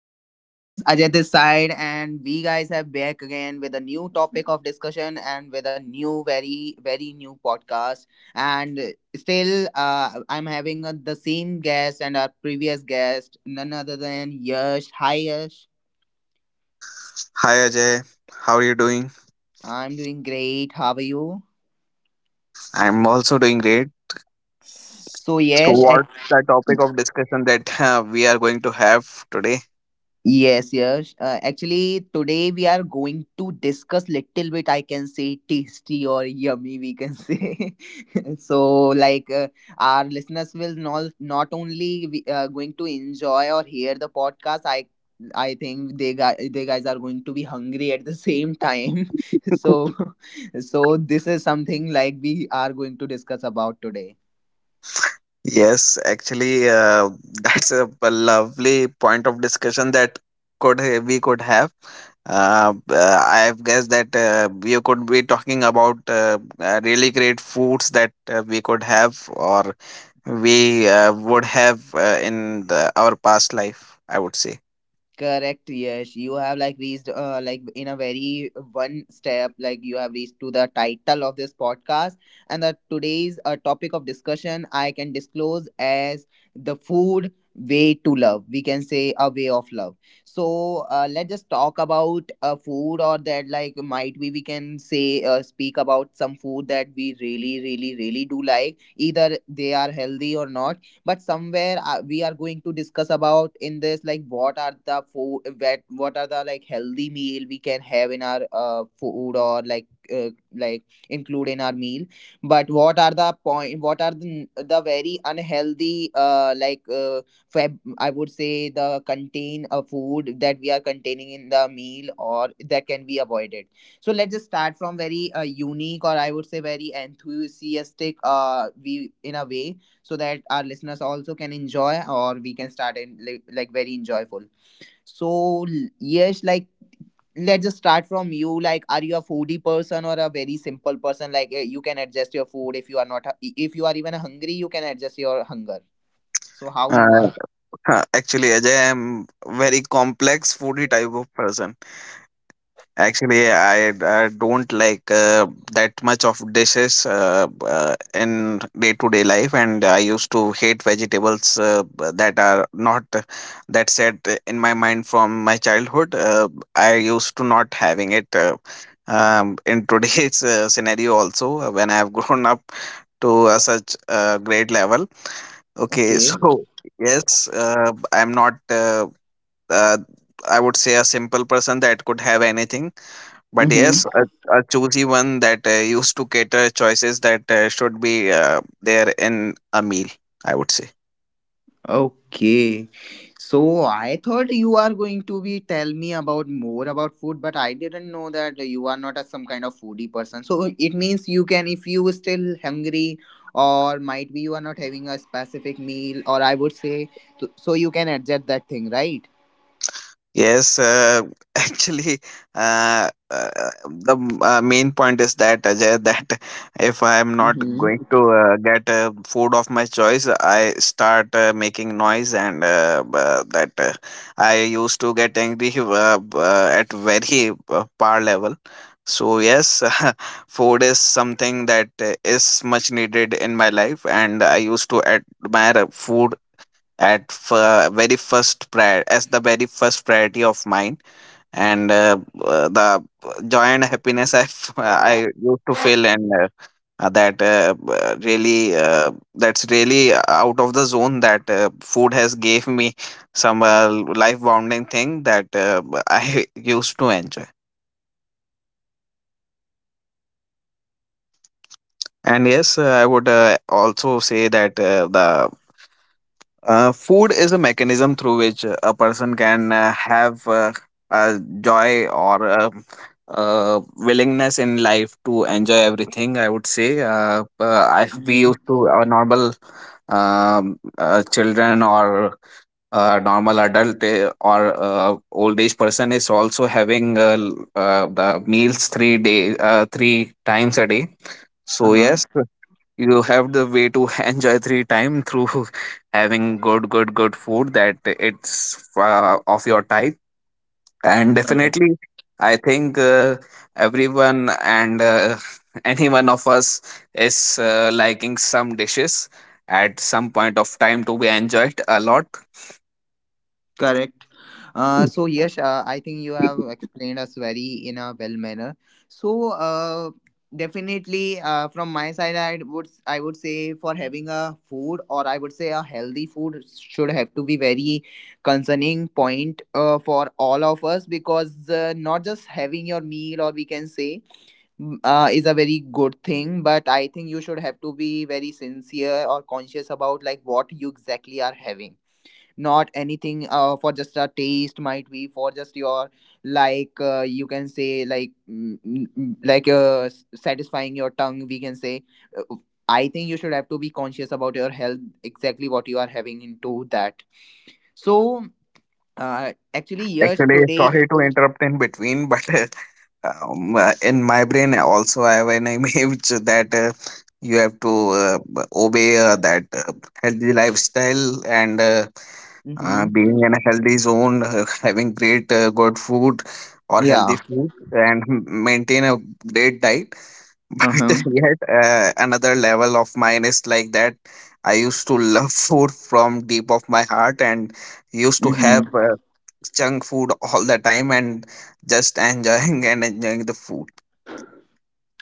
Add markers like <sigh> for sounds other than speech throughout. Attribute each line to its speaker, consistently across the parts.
Speaker 1: So hey guys, Ajay this side, and we guys have back again with a new topic of discussion and with a new, very, very new podcast. And still, I'm having the same guest and our previous guest, none other than Yash. Hi Yash,
Speaker 2: Hi Ajay, how are you doing?
Speaker 1: I'm doing great. How are you?
Speaker 2: I'm also doing great.
Speaker 1: So
Speaker 2: So,
Speaker 1: Yash,
Speaker 2: what's the topic of discussion that <laughs> we are going to have today?
Speaker 1: Yes. Actually, today we are going to discuss little bit. I can say tasty or yummy, we can say. <laughs> So, like our listeners will not only we, going to enjoy or hear the podcast. I think they guys are going to be hungry at the same time. <laughs> So <laughs> so this is something like we are going to discuss about today.
Speaker 2: Yes, actually, <laughs> that's a lovely point of discussion that could we could have. I have guessed that you could be talking about really great foods that we could have or we would have in our past life, I would say.
Speaker 1: Correct, yes. You have like reached like in a very one step, like you have reached to the title of this podcast. And the today's topic of discussion I can disclose as the food way to love. We can say a way of love. So let's just talk about food or that, like might be we can say speak about some food that we really, really, really do like. Either they are healthy or not, but somewhere we are going to discuss about in this like what are the food, what are the like healthy meal we can have in our food, or uh, like include in our meal, but what are the point, what are the very unhealthy like I would say the contain a food that we are containing in the meal or that can be avoided. So let's just start from very unique or I would say very enthusiastic we in a way, so that our listeners also can enjoy or we can start in like very enjoyable. So yes, like let's just start from you. Like, are you a foodie person or a very simple person, like you can adjust your food if you are not if you are even hungry you can adjust your hunger. So how you
Speaker 2: Uh,
Speaker 1: are?
Speaker 2: Actually, Ajay, I'm very complex foodie type of person. Actually, I don't like that much of dishes in day to day life, and I used to hate vegetables that are not that set in my mind from my childhood. I used to not having it. <laughs> In today's scenario also when I have grown up to such a great level. Okay. <laughs>
Speaker 1: Okay.
Speaker 2: So yes, I'm not uh, I would say a simple person that could have anything, but
Speaker 1: Mm-hmm.
Speaker 2: yes, a choosy one that used to cater choices that should be there in a meal, I would say.
Speaker 1: Okay. So I thought you are going to be tell me about more about food, but I didn't know that you are not a some kind of foodie person. So it means you can, if you still hungry or might be you are not having a specific meal, or I would say, so you can adjust that thing, right?
Speaker 2: Yes, <laughs> actually, uh, uh, the main point is that, Ajay, that <laughs> if I am not going
Speaker 1: Mm-hmm.
Speaker 2: to get food of my choice, I start making noise, and b- that I used to get angry at very par level. So yes, <laughs> food is something that is much needed in my life, and I used to admire food at very first prior as the very first priority of mine, and the joy and happiness I <laughs> I used to feel, and really, that's really out of the zone that food has gave me some life bounding thing that I <laughs> used to enjoy. And yes, I would also say that the food is a mechanism through which a person can have joy or willingness in life to enjoy everything, I would say. I we
Speaker 1: Mm-hmm.
Speaker 2: used to our normal children or normal adult or old age person is also having the meals 3 day three times a day. So
Speaker 1: Uh-huh.
Speaker 2: yes, you have the way to <laughs> enjoy three time through <laughs> having good food that it's of your type, and definitely I think everyone and <laughs> any one of us is liking some dishes at some point of time to be enjoyed a lot.
Speaker 1: Correct. So yes, I think you have explained us very in a well manner. So definitely, from my side, I would say for having a food or I would say a healthy food should have to be very concerning point for all of us, because not just having your meal or we can say is a very good thing, but I think you should have to be very sincere or conscious about like what you exactly are having, not anything for just a taste, might be for just your like you can say like like satisfying your tongue, we can say. Uh, I think you should have to be conscious about your health, exactly what you are having into that. So actually, yes,
Speaker 2: Actually,
Speaker 1: today.
Speaker 2: sorry to interrupt in between, but <laughs> in my brain also I have an image <laughs> that you have to obey that healthy lifestyle and
Speaker 1: Hmm.
Speaker 2: being in a healthy zone, <laughs> having great good food or healthy
Speaker 1: Yeah.
Speaker 2: food and <laughs> maintain a great diet. <laughs> But
Speaker 1: Uh-huh.
Speaker 2: yet another level of mine is like that I used to love <laughs> food from deep of my heart and used to
Speaker 1: Hmm.
Speaker 2: have junk food all the time, and just <laughs> enjoying and enjoying the food.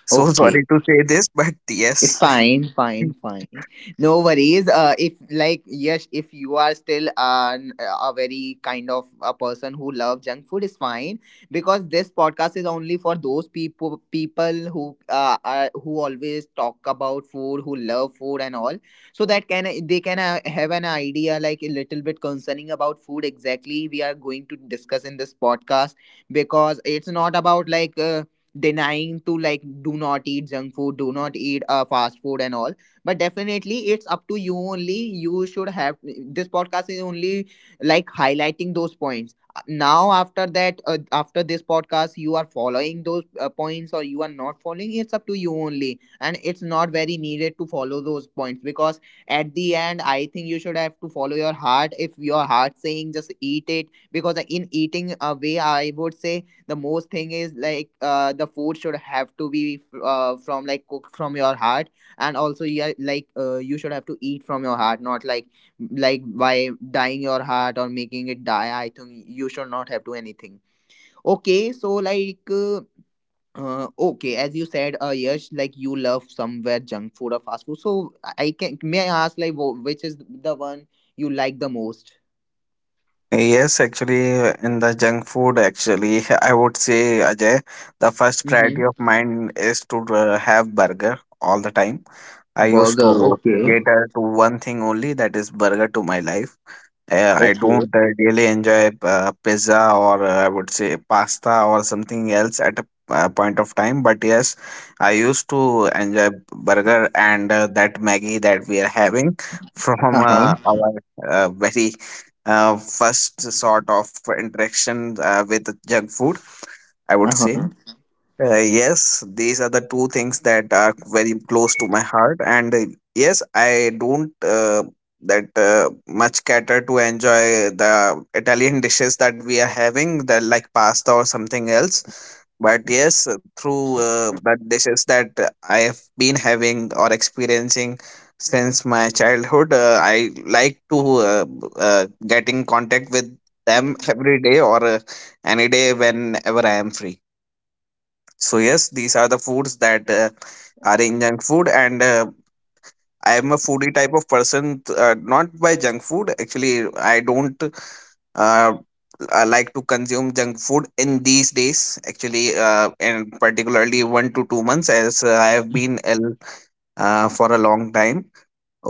Speaker 2: So <laughs>
Speaker 1: Okay.
Speaker 2: sorry to say this, but yes.
Speaker 1: Fine, fine,
Speaker 2: <laughs>
Speaker 1: fine. No worries. If like yes, if you are still an, a very kind of a person who love junk food, is fine, because this podcast is only for those people who are, who always talk about food, who love food and all, so that can they can have an idea like a little bit concerning about food exactly we are going to discuss in this podcast, because it's not about like. Denying to, like, do not eat junk food, do not eat fast food and all, but definitely it's up to you only. You should have this podcast is only like highlighting those points. Now after that, after this podcast, you are following those points or you are not following, it's up to you only, and it's not very needed to follow those points, because at the end I think you should have to follow your heart. If your heart saying just eat it, because in eating a way I would say the most thing is like the food should have to be from like cooked from your heart, and also yeah, like you should have to eat from your heart, not like, like by dyeing your heart or making it die, I think you should not have to anything. Okay, so like okay, as you said, yes, like you love somewhere junk food or fast food, so I can, may I ask like which is the one you like the most?
Speaker 2: Yes, actually, in the junk food, actually, <laughs> I would say, Ajay, the first priority
Speaker 1: Mm-hmm.
Speaker 2: of mine is to have burger all the time. I used
Speaker 1: Burger,
Speaker 2: to
Speaker 1: okay.
Speaker 2: cater to one thing only, that is burger to my life. I
Speaker 1: Okay.
Speaker 2: don't really enjoy pizza or I would say pasta or something else at a point of time. But yes, I used to enjoy burger and that Maggie that we are having <laughs> from
Speaker 1: Uh-huh.
Speaker 2: our very first sort of interaction with junk food, I would say.
Speaker 1: Uh-huh.
Speaker 2: Yes, these are the two things that are very close to my heart. And yes, I don't that much cater to enjoy the Italian dishes that we are having, the like pasta or something else. But yes, through the dishes that I have been having or experiencing since my childhood, I like to get in contact with them every day or any day whenever I am free. So yes, these are the foods that are in junk food, and I am a foodie type of person. Not by junk food, actually. I don't uh, I like to consume junk food in these days. Actually, and particularly 1 to 2 months, as I have been ill for a long time.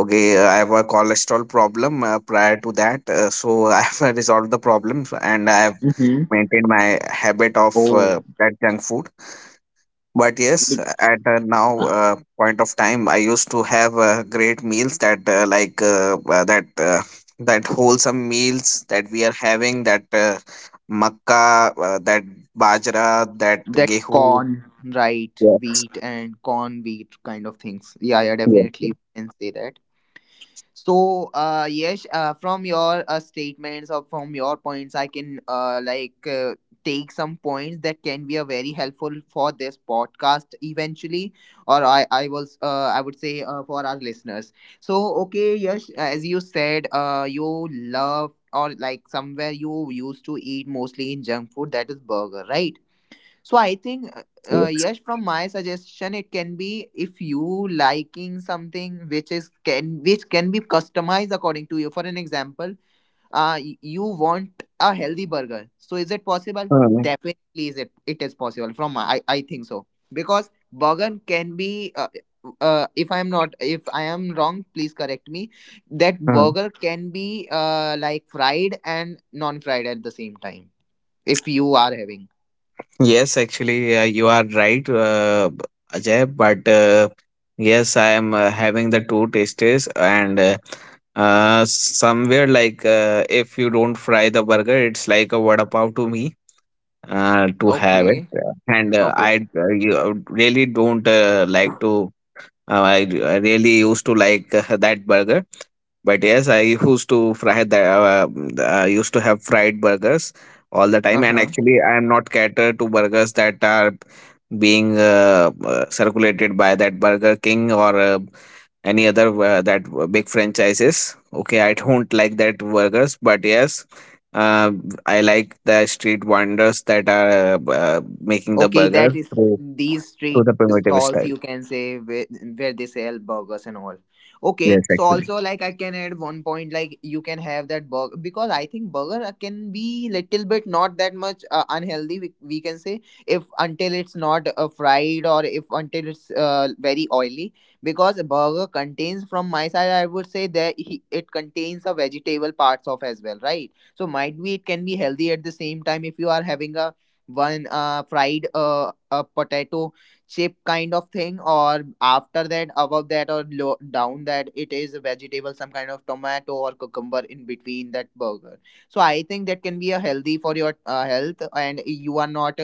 Speaker 2: Okay, I have a cholesterol problem prior to that, so <laughs> I have resolved the problems, and I have
Speaker 1: Mm-hmm.
Speaker 2: maintained my habit of
Speaker 1: Oh,
Speaker 2: that junk food. But yes,
Speaker 1: the,
Speaker 2: at now point of time, I used to have great meals that that wholesome meals that we are having, that makka, that bajra, that
Speaker 1: that
Speaker 2: gehu.
Speaker 1: corn, right?
Speaker 2: Yeah,
Speaker 1: Wheat and corn wheat kind of things. Yeah, yeah,
Speaker 2: yes,
Speaker 1: definitely
Speaker 2: yes,
Speaker 1: we can say that. So, yes, from your statements or from your points, I can like take some points that can be a very helpful for this podcast eventually, or I was I would say for our listeners. So, okay, yes, as you said, you love or like somewhere you used to eat mostly in junk food, that is burger, right? So I
Speaker 2: yes.
Speaker 1: think, yes, from my suggestion, it can be if you liking something which is can which can be customized according to you. For an example, you want a healthy burger. So is it possible?
Speaker 2: Hmm,
Speaker 1: Definitely, is it it is possible. From my, I think so, because burger can be. If I'm not, if I am wrong, please correct me. That
Speaker 2: hmm.
Speaker 1: burger can be like fried and non-fried at the same time. If you are having,
Speaker 2: Yes, actually, you are right, Ajay. But yes, I am having the two tastes, and somewhere like if you don't fry the burger, it's like a vada pav to me to have it.
Speaker 1: okay.
Speaker 2: Yeah. And
Speaker 1: Okay.
Speaker 2: really don't like to. Uh, I, I really used to like that burger, but yes, I used to have fried burgers all the time, and
Speaker 1: Uh-huh.
Speaker 2: actually, I am not catered to burgers that are being circulated by that Burger King or any other big franchises. Okay, I don't <laughs> like that burgers, but yes, uh, I like the street vendors that are making the
Speaker 1: Okay, that
Speaker 2: burger
Speaker 1: is these
Speaker 2: through
Speaker 1: street
Speaker 2: the primitive
Speaker 1: stalls
Speaker 2: style.
Speaker 1: you can say where they sell burgers and all. Okay,
Speaker 2: Yes,
Speaker 1: so
Speaker 2: actually.
Speaker 1: also like I can add one point like you can have that burger, because I think burger can be little bit not that much unhealthy, we can say, if until it's not fried or if until it's very oily, because a burger contains, from my side I would say, that he, it contains a vegetable parts of as well, right? So might be it can be healthy at the same time if you are having a one fried a potato chip kind of thing, or after that, above that or low, down that, it is a vegetable, some kind of tomato or cucumber in between that burger. So I think that can be a healthy for your health, and you are not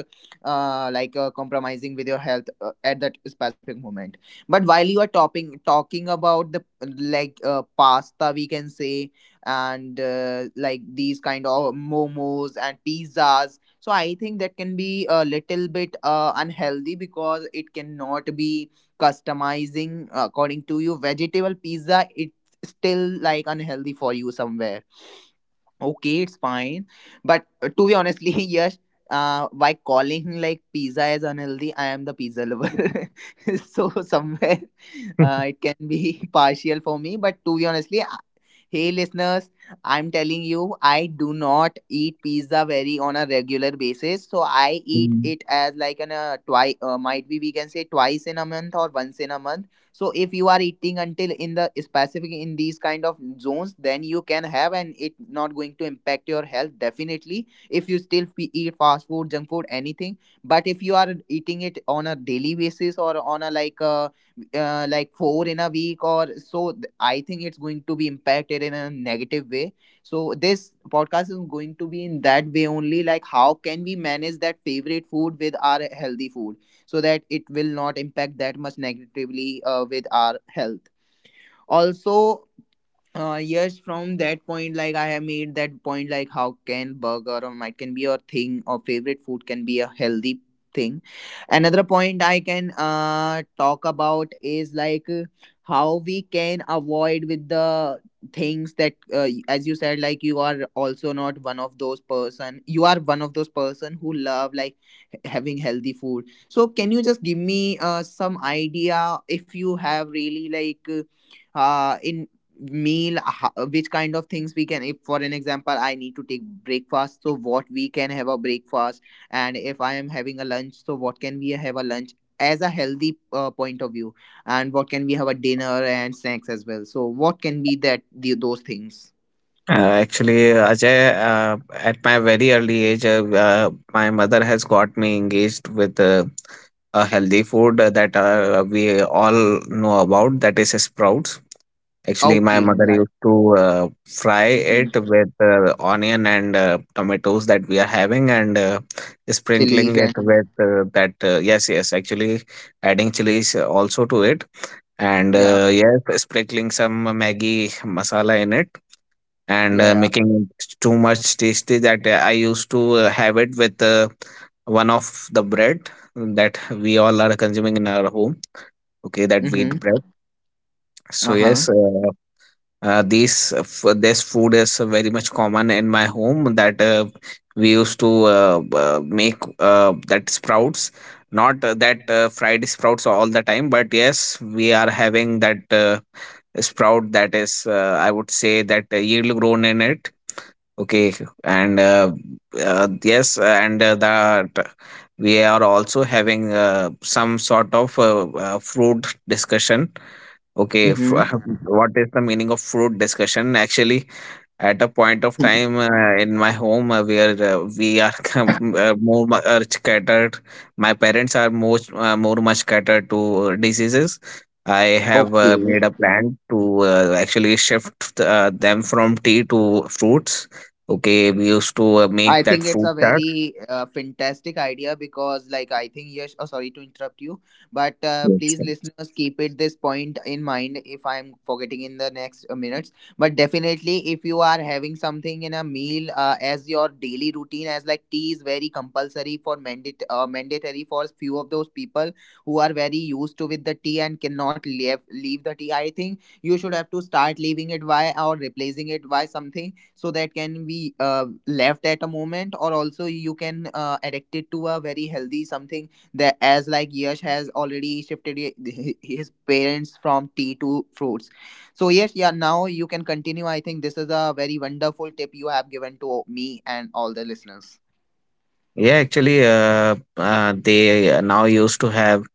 Speaker 1: like compromising with your health at that specific moment. But while you are topping talking about the like pasta, we can say, and like these kind of momos and pizzas, so I think that can be a little bit unhealthy, because it cannot be customizing according to you. Vegetable pizza, it's still like unhealthy for you somewhere. Okay, it's fine. But to be honestly, <laughs> yes, by calling like pizza as unhealthy, I am the pizza lover. <laughs> So somewhere it can be <laughs> partial for me. But to be honestly, hey listeners, I'm telling you, I do not eat pizza very on a regular basis. So I eat it as like an twice, might be we can say twice in a month or once in a month. So if you are eating until in the specific in these kind of zones, then you can have, and it not going to impact your health definitely. If you still eat fast food, junk food, anything, but if you are eating it on a daily basis or on a like a, like four in a week, or so I think it's going to be impacted in a negative way. So this podcast is going to be in that way only, like how can we manage that favorite food with our healthy food, so that it will not impact that much negatively, with our health also. Yes, from that point, like, I have made that point, like how can burger or might can be a thing, or favorite food can be a healthy thing. Another point I can talk about is, like, how we can avoid with the things that, as you said, like, you are also not one of those person, you are one of those person who love, like, having healthy food. So can you just give me some idea, if you have really, like, in meal, which kind of things we can, if for an example I need to take breakfast, so what we can have a breakfast? And if I am having a lunch, so what can we have a lunch, as a healthy point of view? And what can we have a dinner and snacks as well? So what can be that those things?
Speaker 2: Actually, Ajay, at my very early age, my mother has got me engaged with a healthy food that we all know about, that is sprouts. Actually, my
Speaker 1: Okay, yeah,
Speaker 2: mother
Speaker 1: yeah.
Speaker 2: used to fry
Speaker 1: Mm-hmm.
Speaker 2: it with onion and tomatoes that we are having and
Speaker 1: Chilies
Speaker 2: sprinkling
Speaker 1: and
Speaker 2: it with that. Yes, yes, actually, adding chilies also to it. And
Speaker 1: yeah,
Speaker 2: yes, sprinkling some Maggi masala in it and
Speaker 1: yeah,
Speaker 2: making it too much tasty that I used to have it with one of the bread that we all are consuming in our home. Okay,
Speaker 1: yeah.
Speaker 2: that
Speaker 1: Mm-hmm.
Speaker 2: wheat bread. So
Speaker 1: Uh-huh.
Speaker 2: yes, this food is very much common in my home that we used to make that sprouts. Not that fried sprouts all the time, but yes, we are having that sprout that is, I would say, that yield grown in it. Okay, and yes, and that we are also having some sort of fruit discussion. Okay, <laughs>
Speaker 1: Mm-hmm.
Speaker 2: what is the meaning of fruit discussion? Actually, at a point of
Speaker 1: <laughs>
Speaker 2: time in my home where we are <laughs> more catered, my parents are more more much catered to diseases. I have
Speaker 1: Okay.
Speaker 2: made a plan to actually shift them from tea to fruits. Okay, we used to
Speaker 1: I
Speaker 2: make that
Speaker 1: think it's
Speaker 2: fruit
Speaker 1: a
Speaker 2: chart.
Speaker 1: very fantastic idea because, like, I think Yash. Oh, sorry to interrupt you, but
Speaker 2: Yes.
Speaker 1: please, listeners, keep it this point in mind if I'm forgetting in the next minutes. But definitely, if you are having something in a meal as your daily routine, as like tea is very compulsory for mandate mandatory for few of those people who are very used to with the tea, and cannot leave the tea. I think you should have to start leaving it, why, or replacing it by something, so that can be left at a moment. Or also you can addict it to a very healthy something, that as like Yash has already shifted his parents from tea to fruits. So yes, yeah, now you can continue. I think this is a very wonderful tip you have given to me and all the listeners.
Speaker 2: Yeah, actually, they now used to have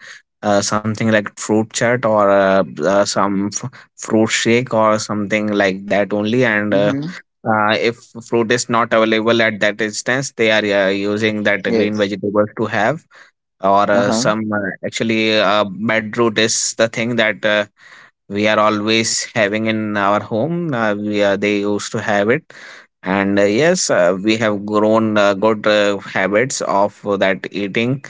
Speaker 2: something like fruit chat or fruit shake or something like that only. And
Speaker 1: Mm-hmm.
Speaker 2: if fruit is not available at that instance, they are using that green
Speaker 1: Yes.
Speaker 2: vegetables to have. Or
Speaker 1: Uh-huh.
Speaker 2: some actually, bedroot is the thing that we are always having in our home. They used to have it, and yes, we have grown good habits of that eating.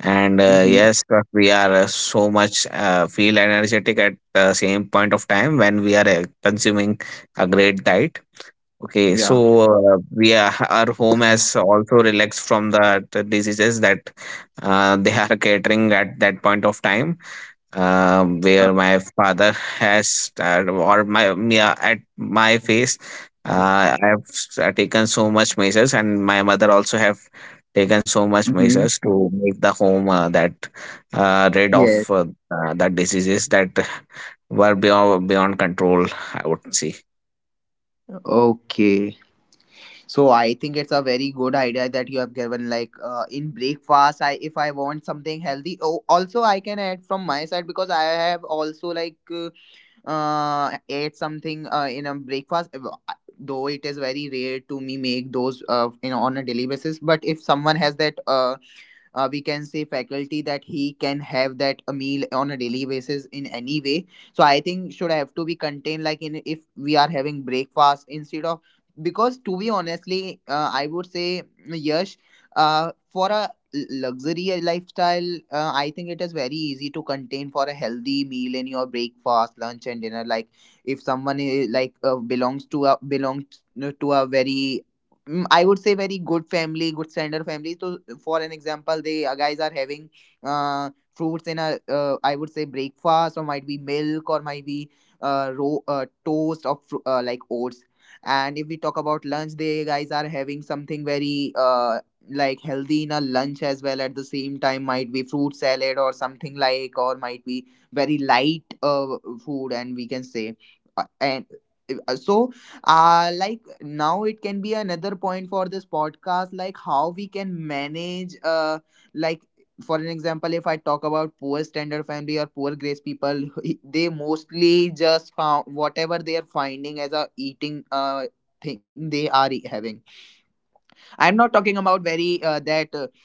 Speaker 2: And
Speaker 1: Mm-hmm.
Speaker 2: yes, we are so much feel energetic at the same point of time when we are consuming a great diet. Okay, so
Speaker 1: Yeah.
Speaker 2: our home has also relaxed from the diseases that they are catering at that point of time,
Speaker 1: uh,
Speaker 2: where my father has started or at my face I have taken so much measures, and my mother also have taken so much
Speaker 1: mm-hmm.
Speaker 2: measures to make the home that rid of
Speaker 1: Yes.
Speaker 2: the diseases that were beyond control, I would say.
Speaker 1: Okay. So I think it's a very good idea that you have given. Like, in breakfast, I if I want something healthy. Oh, also I can add from my side, because I have also, like, ate something in a breakfast. Though it is very rare to me make those, on a daily basis. But if someone has that, we can say faculty that he can have that a meal on a daily basis in any way. So I think should have to be contained, like in if we are having breakfast instead of, because to be honestly, I would say, yes, for a luxury lifestyle, I think it is very easy to contain for a healthy meal in your breakfast, lunch and dinner, like if someone is, like, belongs to a very, I would say, very good family, good standard family. So, for an example, they guys are having fruits in a, I would say breakfast, or might be milk, or might be toast of like oats. And if we talk about lunch, they guys are having something very, like healthy in a lunch as well. At the same time, might be fruit salad or something like, or might be very light food, and we can say, and so like now it can be another point for this podcast, like how we can manage like, for an example, if I talk about poor standard family or poor grace people, <laughs> they mostly just found whatever they are finding as a eating thing they are having. I'm not talking about very, that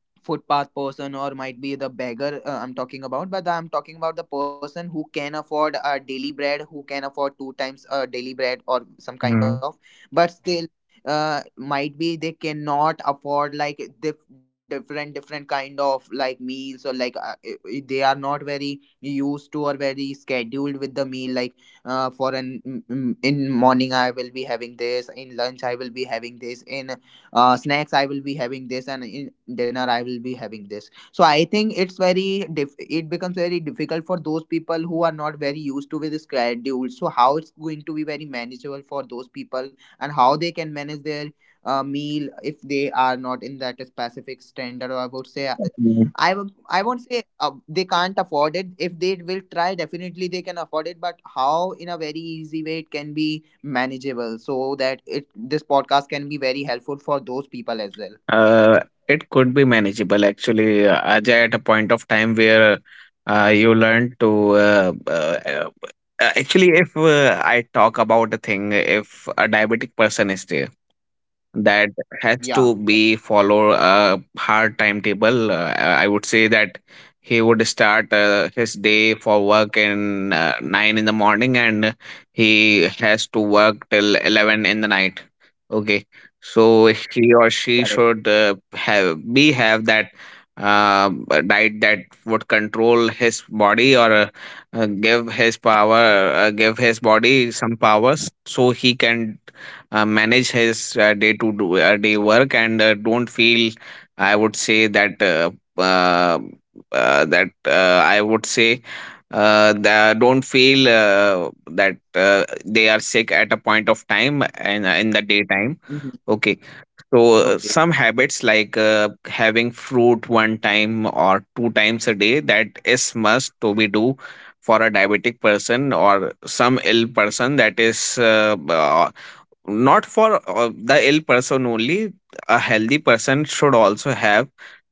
Speaker 1: footpath person, or might be the beggar, I'm talking about. But I'm talking about the person who can afford a daily bread, who can afford two times a daily bread, or some kind
Speaker 2: Mm.
Speaker 1: of. But still, might be they cannot afford like different different kind of like meals, or like, they are not very used to or very scheduled with the meal, like, for an mm, mm, in morning I will be having this, in lunch I will be having this, in snacks I will be having this, and in dinner I will be having this. So I think it's very it becomes very difficult for those people who are not very used to with the schedule. So how it's going to be very manageable for those people, and how they can manage their meal if they are not in that specific standard, or I would say, I won't say they can't afford it. If they will try, definitely they can afford it. But how in a very easy way it can be manageable, so that it this podcast can be very helpful for those people as well.
Speaker 2: Uh, it could be manageable, actually. Ajay, at a point of time where you learn to actually, if I talk about a thing, if a diabetic person is there that has
Speaker 1: Yeah,
Speaker 2: to be follow a hard timetable. I would say that he would start his day for work in nine in the morning, and he has to work till 11 in the night. Okay, so he or she
Speaker 1: correct.
Speaker 2: should have that uh, diet that would control his body or give his power, give his body some powers, so he can manage his day to do day work and don't feel I would say that uh, that I would say the, don't feel that they are sick at a point of time and in the daytime.
Speaker 1: Mhm.
Speaker 2: Okay, so
Speaker 1: Okay,
Speaker 2: some habits like having fruit one time or two times a day, that is must to be do for a diabetic person or some ill person. That is not for the ill person only, a healthy person should also have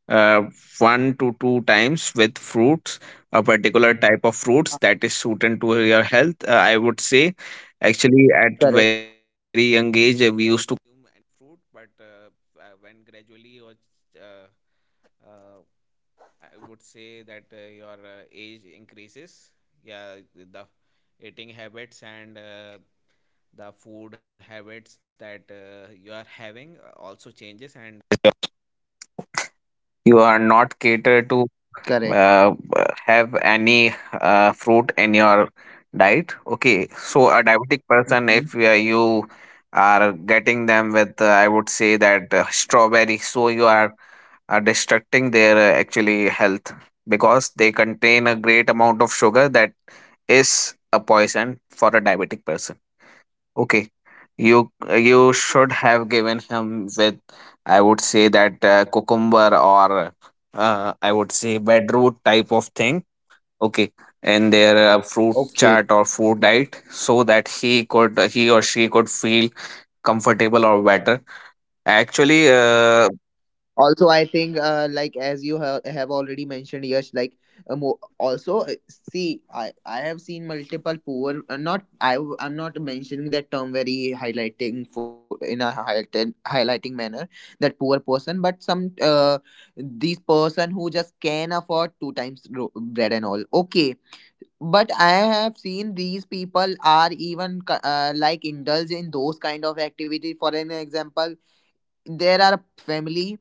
Speaker 2: uh, one to two times with fruits, a particular type of fruits that is suited to your health, I would say. Actually, at very
Speaker 1: correct,
Speaker 2: young age we used
Speaker 1: correct.
Speaker 2: any fruit in your diet. Okay, so a diabetic person,
Speaker 1: Mhm.
Speaker 2: if you are getting them with, I would say that, strawberry, so you are destructing their actually health, because they contain a great amount of sugar that is a poison for a diabetic person. Okay, you you should have given him with, I would say that, cucumber, or I would say bedroot type of thing. Okay, and their fruit
Speaker 1: Okay.
Speaker 2: chart or food diet, so that he could he or she could feel comfortable or better. Actually,
Speaker 1: Also, I think, like as you have already mentioned, yes, like, mo- also see, I have seen multiple poor, not I'm not mentioning that term very highlighting, in a highlighting manner, that poor person, but some, these person who just can afford two times bread and all, okay. But I have seen these people are even like indulge in those kind of activity. For an example, there are family,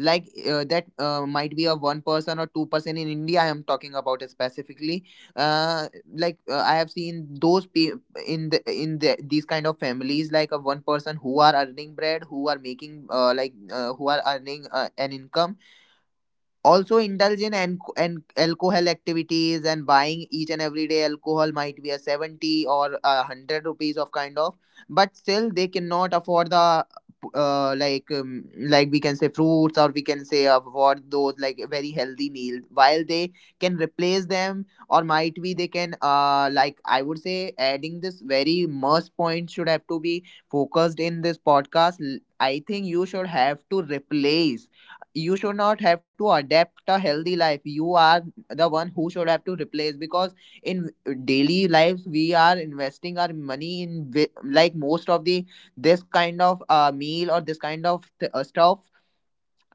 Speaker 1: like, that might be a one person or two person in India I am talking about, specifically, uh, like, I have seen those these kind of families, like a one person who are earning bread, who are making who are earning an income, also indulge in an- alcohol activities, and buying each and every day alcohol, might be a 70 or a 100 rupees of kind of. But still they cannot afford the, uh, like um, like we can say fruits, or we can say, afford those like very healthy meals, while they can replace them. Or might be they can, I would say, adding this very must point should have to be focused in this podcast. I think you should have to replace. You should not have to adapt a healthy life. You are the one who should have to replace, because in daily lives we are investing our money in, most of the this kind of meal, or this kind of stuff,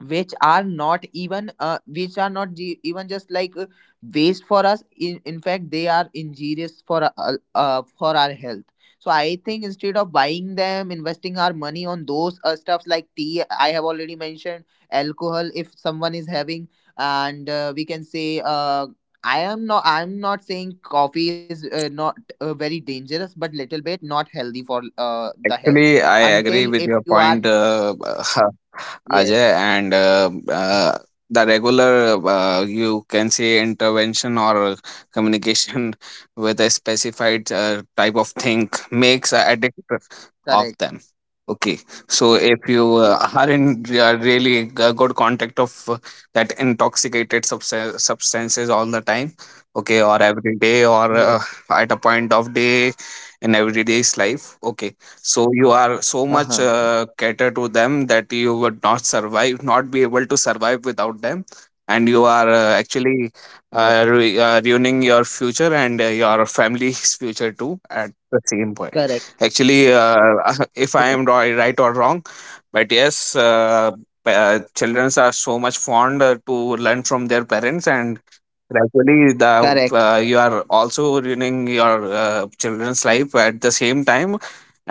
Speaker 1: which are not even, which are not ge- even just like waste for us, in fact they are injurious for our health. So I think, instead of buying them, investing our money on those, stuffs like tea, I have already mentioned, alcohol if someone is having, and we can say, I am not, I'm not saying coffee is not very dangerous, but little bit not healthy for the health,
Speaker 2: actually I
Speaker 1: until
Speaker 2: agree with
Speaker 1: if
Speaker 2: your
Speaker 1: you are,
Speaker 2: point, <laughs>
Speaker 1: yes,
Speaker 2: Ajay, and the regular, you can say, intervention or communication <laughs> with a specified type of thing makes a addict of
Speaker 1: correct.
Speaker 2: them. Okay, so if you are in really good contact of that intoxicated substances all the time, okay, or every day, or
Speaker 1: Y-
Speaker 2: at a point of day in everyday's life, okay, so you are so
Speaker 1: Uh
Speaker 2: much
Speaker 1: huh.
Speaker 2: cater to them that you would not be able to survive without them, and you are actually
Speaker 1: Yeah.
Speaker 2: ruining your future and your family's <laughs> future too at the same point.
Speaker 1: Correct.
Speaker 2: Actually, <laughs> if I
Speaker 1: Correct.
Speaker 2: am right or wrong, but yes, children are so much fond to learn from their parents, and gradually the
Speaker 1: Correct.
Speaker 2: you are also ruining your children's life at the same time.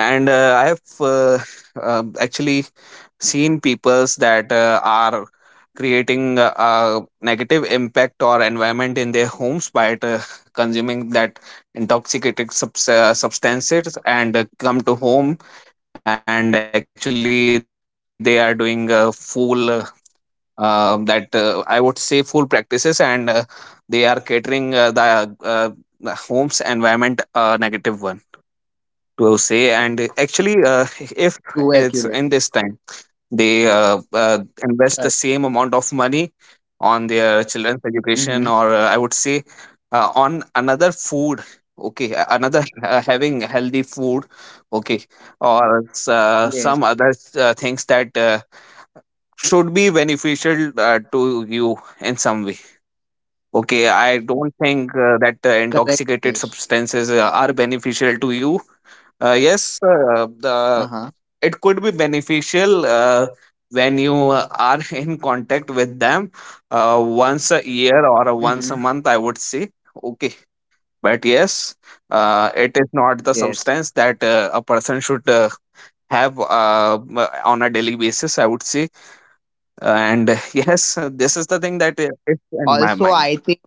Speaker 2: And I have uh, actually seen peoples that are creating a negative impact or environment in their homes by consuming that intoxicating substances, and come to home, and actually they are doing a full that I would say full practices, and they are catering, the home's environment negative one to say. And actually, if it's in
Speaker 1: Too
Speaker 2: this time,
Speaker 1: accurate.
Speaker 2: they invest the same
Speaker 1: Correct.
Speaker 2: amount of money on their children's education, or
Speaker 1: Mm-hmm.
Speaker 2: I would say on another food. Okay, another having healthy food. Okay, or some
Speaker 1: Yes.
Speaker 2: other things that. Should be beneficial to you in some way. Okay, I don't think that
Speaker 1: Correct. Yes.
Speaker 2: intoxicated substances are beneficial to you. Yes, uh,
Speaker 1: Uh
Speaker 2: the
Speaker 1: huh.
Speaker 2: it could be beneficial when you are <laughs> in contact with them uh, once a year or once
Speaker 1: Mm-hmm.
Speaker 2: a month, I would say. Okay, but yes, it is not the
Speaker 1: Yes.
Speaker 2: substance that a person should have on a daily basis, I would say. And <laughs> yes, this is the thing that it's in my
Speaker 1: Also,
Speaker 2: mind.
Speaker 1: I think.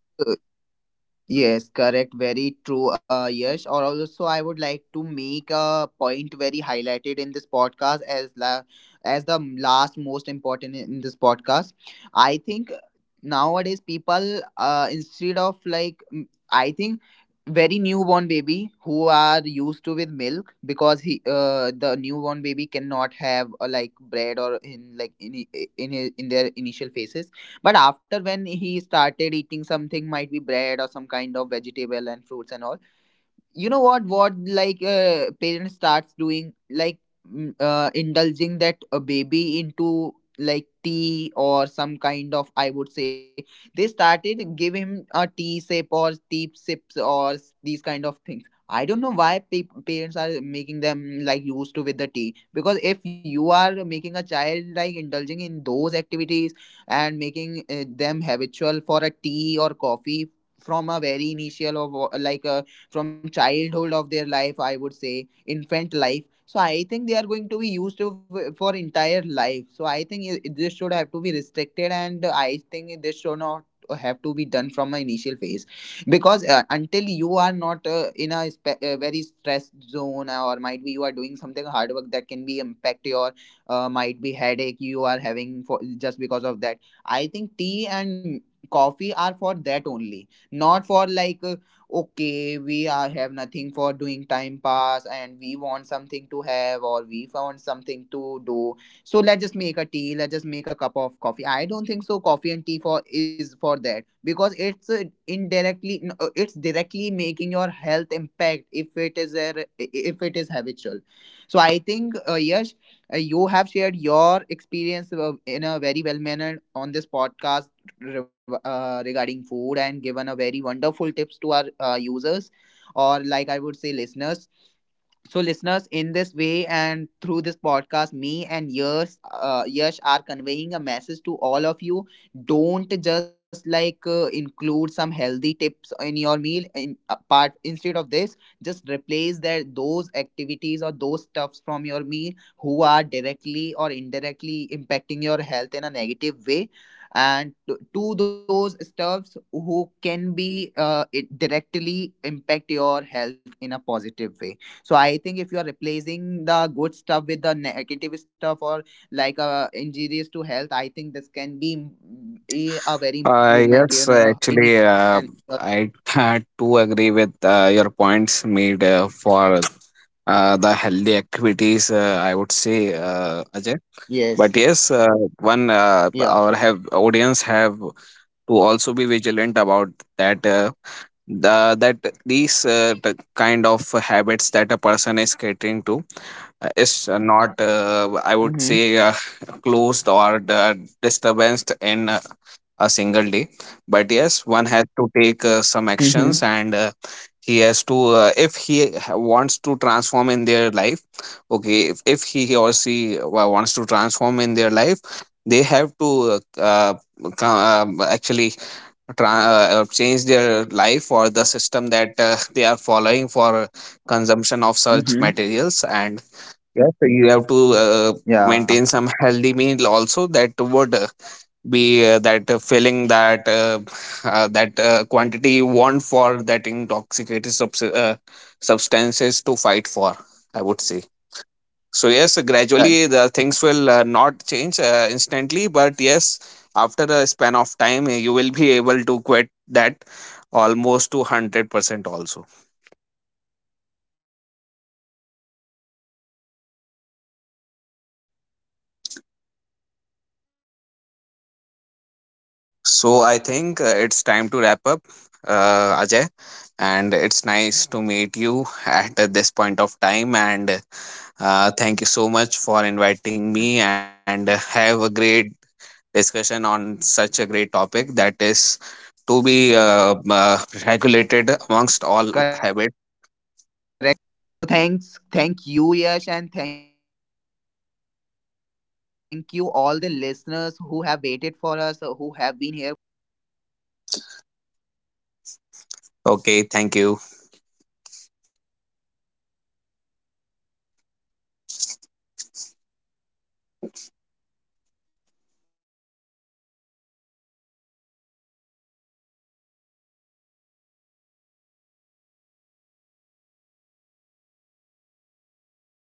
Speaker 1: Yes, correct. Very true, Yash. Or also, I would like to make a point very highlighted in this podcast, as the last most important in this podcast. I think nowadays people, instead of, like, I think very newborn baby who are used to with milk, because he, the newborn baby cannot have like bread, or in like in I- in his, in their initial phases. But after, when he started eating something, might be bread or some kind of vegetable and fruits and all, you know what like, parents starts doing, like, indulging that a baby into like tea, or some kind of, I would say, they started give him a tea sip or tea sips, or these kind of things. I don't know why parents are making them like used to with the tea, because if you are making a child like indulging in those activities, and making them habitual for a tea or coffee, from a very initial of, like a from childhood of their life, I would say, infant life, so I think they are going to be used to for entire life. So I think this should have to be restricted, and I think this should not have to be done from an initial phase, because, until you are not in a very stressed zone, or might be you are doing something hard work that can be impact your, might be headache you are having for, just because of that. I think tea and coffee are for that only, not for, like, okay we are have nothing for doing time pass and we want something to have, or we want something to do. So let's just make a tea, let's just make a cup of coffee. I don't think so coffee and tea for is for that, because it's it's directly making your health impact, if it is habitual. So I think, yes, you have shared your experience in a very well manner on this podcast, regarding food, and given a very wonderful tips to our users, or like I would say, listeners. So, listeners, in this way and through this podcast, me and Yash are conveying a message to all of you. Don't just, like, include some healthy tips in your meal. Instead of this, just replace that those activities or those stuffs from your meal who are directly or indirectly impacting your health in a negative way, and to those stuffs who can be, it directly impact your health in a positive way. So I think, if you are replacing the good stuff with the negative stuff, or like, injurious to health, I think this can be, a very improvement,
Speaker 2: Yes,
Speaker 1: in your
Speaker 2: actually,
Speaker 1: and your.
Speaker 2: I had to agree with your points made for the healthy activities, I would say, Ajay.
Speaker 1: Yes.
Speaker 2: But yes, one
Speaker 1: Yeah.
Speaker 2: our have audience have to also be vigilant about that uh, that these kind of habits that a person is catering to is not, I would
Speaker 1: Mm-hmm.
Speaker 2: say, <laughs> closed or the disturbance in a single day. But yes, one has to take some
Speaker 1: Mm-hmm.
Speaker 2: actions, and he has to, if he ha- wants to transform in their life. Okay, if he or she wants to transform in their life, they have to actually change their life or the system that <laughs> they are following for consumption of such
Speaker 1: Mm-hmm.
Speaker 2: materials. And yes, you have to
Speaker 1: Yeah.
Speaker 2: maintain some healthy meal also that would be that filling, that <sighs> that quantity you want for that intoxicated substances to fight for, I would say. So yes,
Speaker 1: cor-
Speaker 2: gradually the things will not change instantly, but yes, after a span of time, you will be able to quit that almost to 100% also.
Speaker 1: Correct. Yes, so over here we can end this podcast, and
Speaker 2: So I
Speaker 1: with a
Speaker 2: think
Speaker 1: very,
Speaker 2: it's
Speaker 1: I
Speaker 2: time to
Speaker 1: think
Speaker 2: wrap up, Ajay, and it's
Speaker 1: yes.
Speaker 2: nice to meet you at this point of time. And thank you so much for
Speaker 1: Yeah.
Speaker 2: inviting me, and have a great discussion on such a great topic that is to be
Speaker 1: Yeah.
Speaker 2: uh, regulated amongst all habit.
Speaker 1: Correct. So thank you, Yash, and thank you all the listeners who have waited for us, who have been here for our listening. And please, please, please keep those points in your mind
Speaker 2: Okay, thank
Speaker 1: while
Speaker 2: you.
Speaker 1: you have heard this podcast, and the most important topic, and messages that we have conveyed from this podcast to, through you all guys. So thank you, Yash, for being here and assisting me in this podcast. Let us wait for the next one, and I'm going. I'm very eager to be like see you there.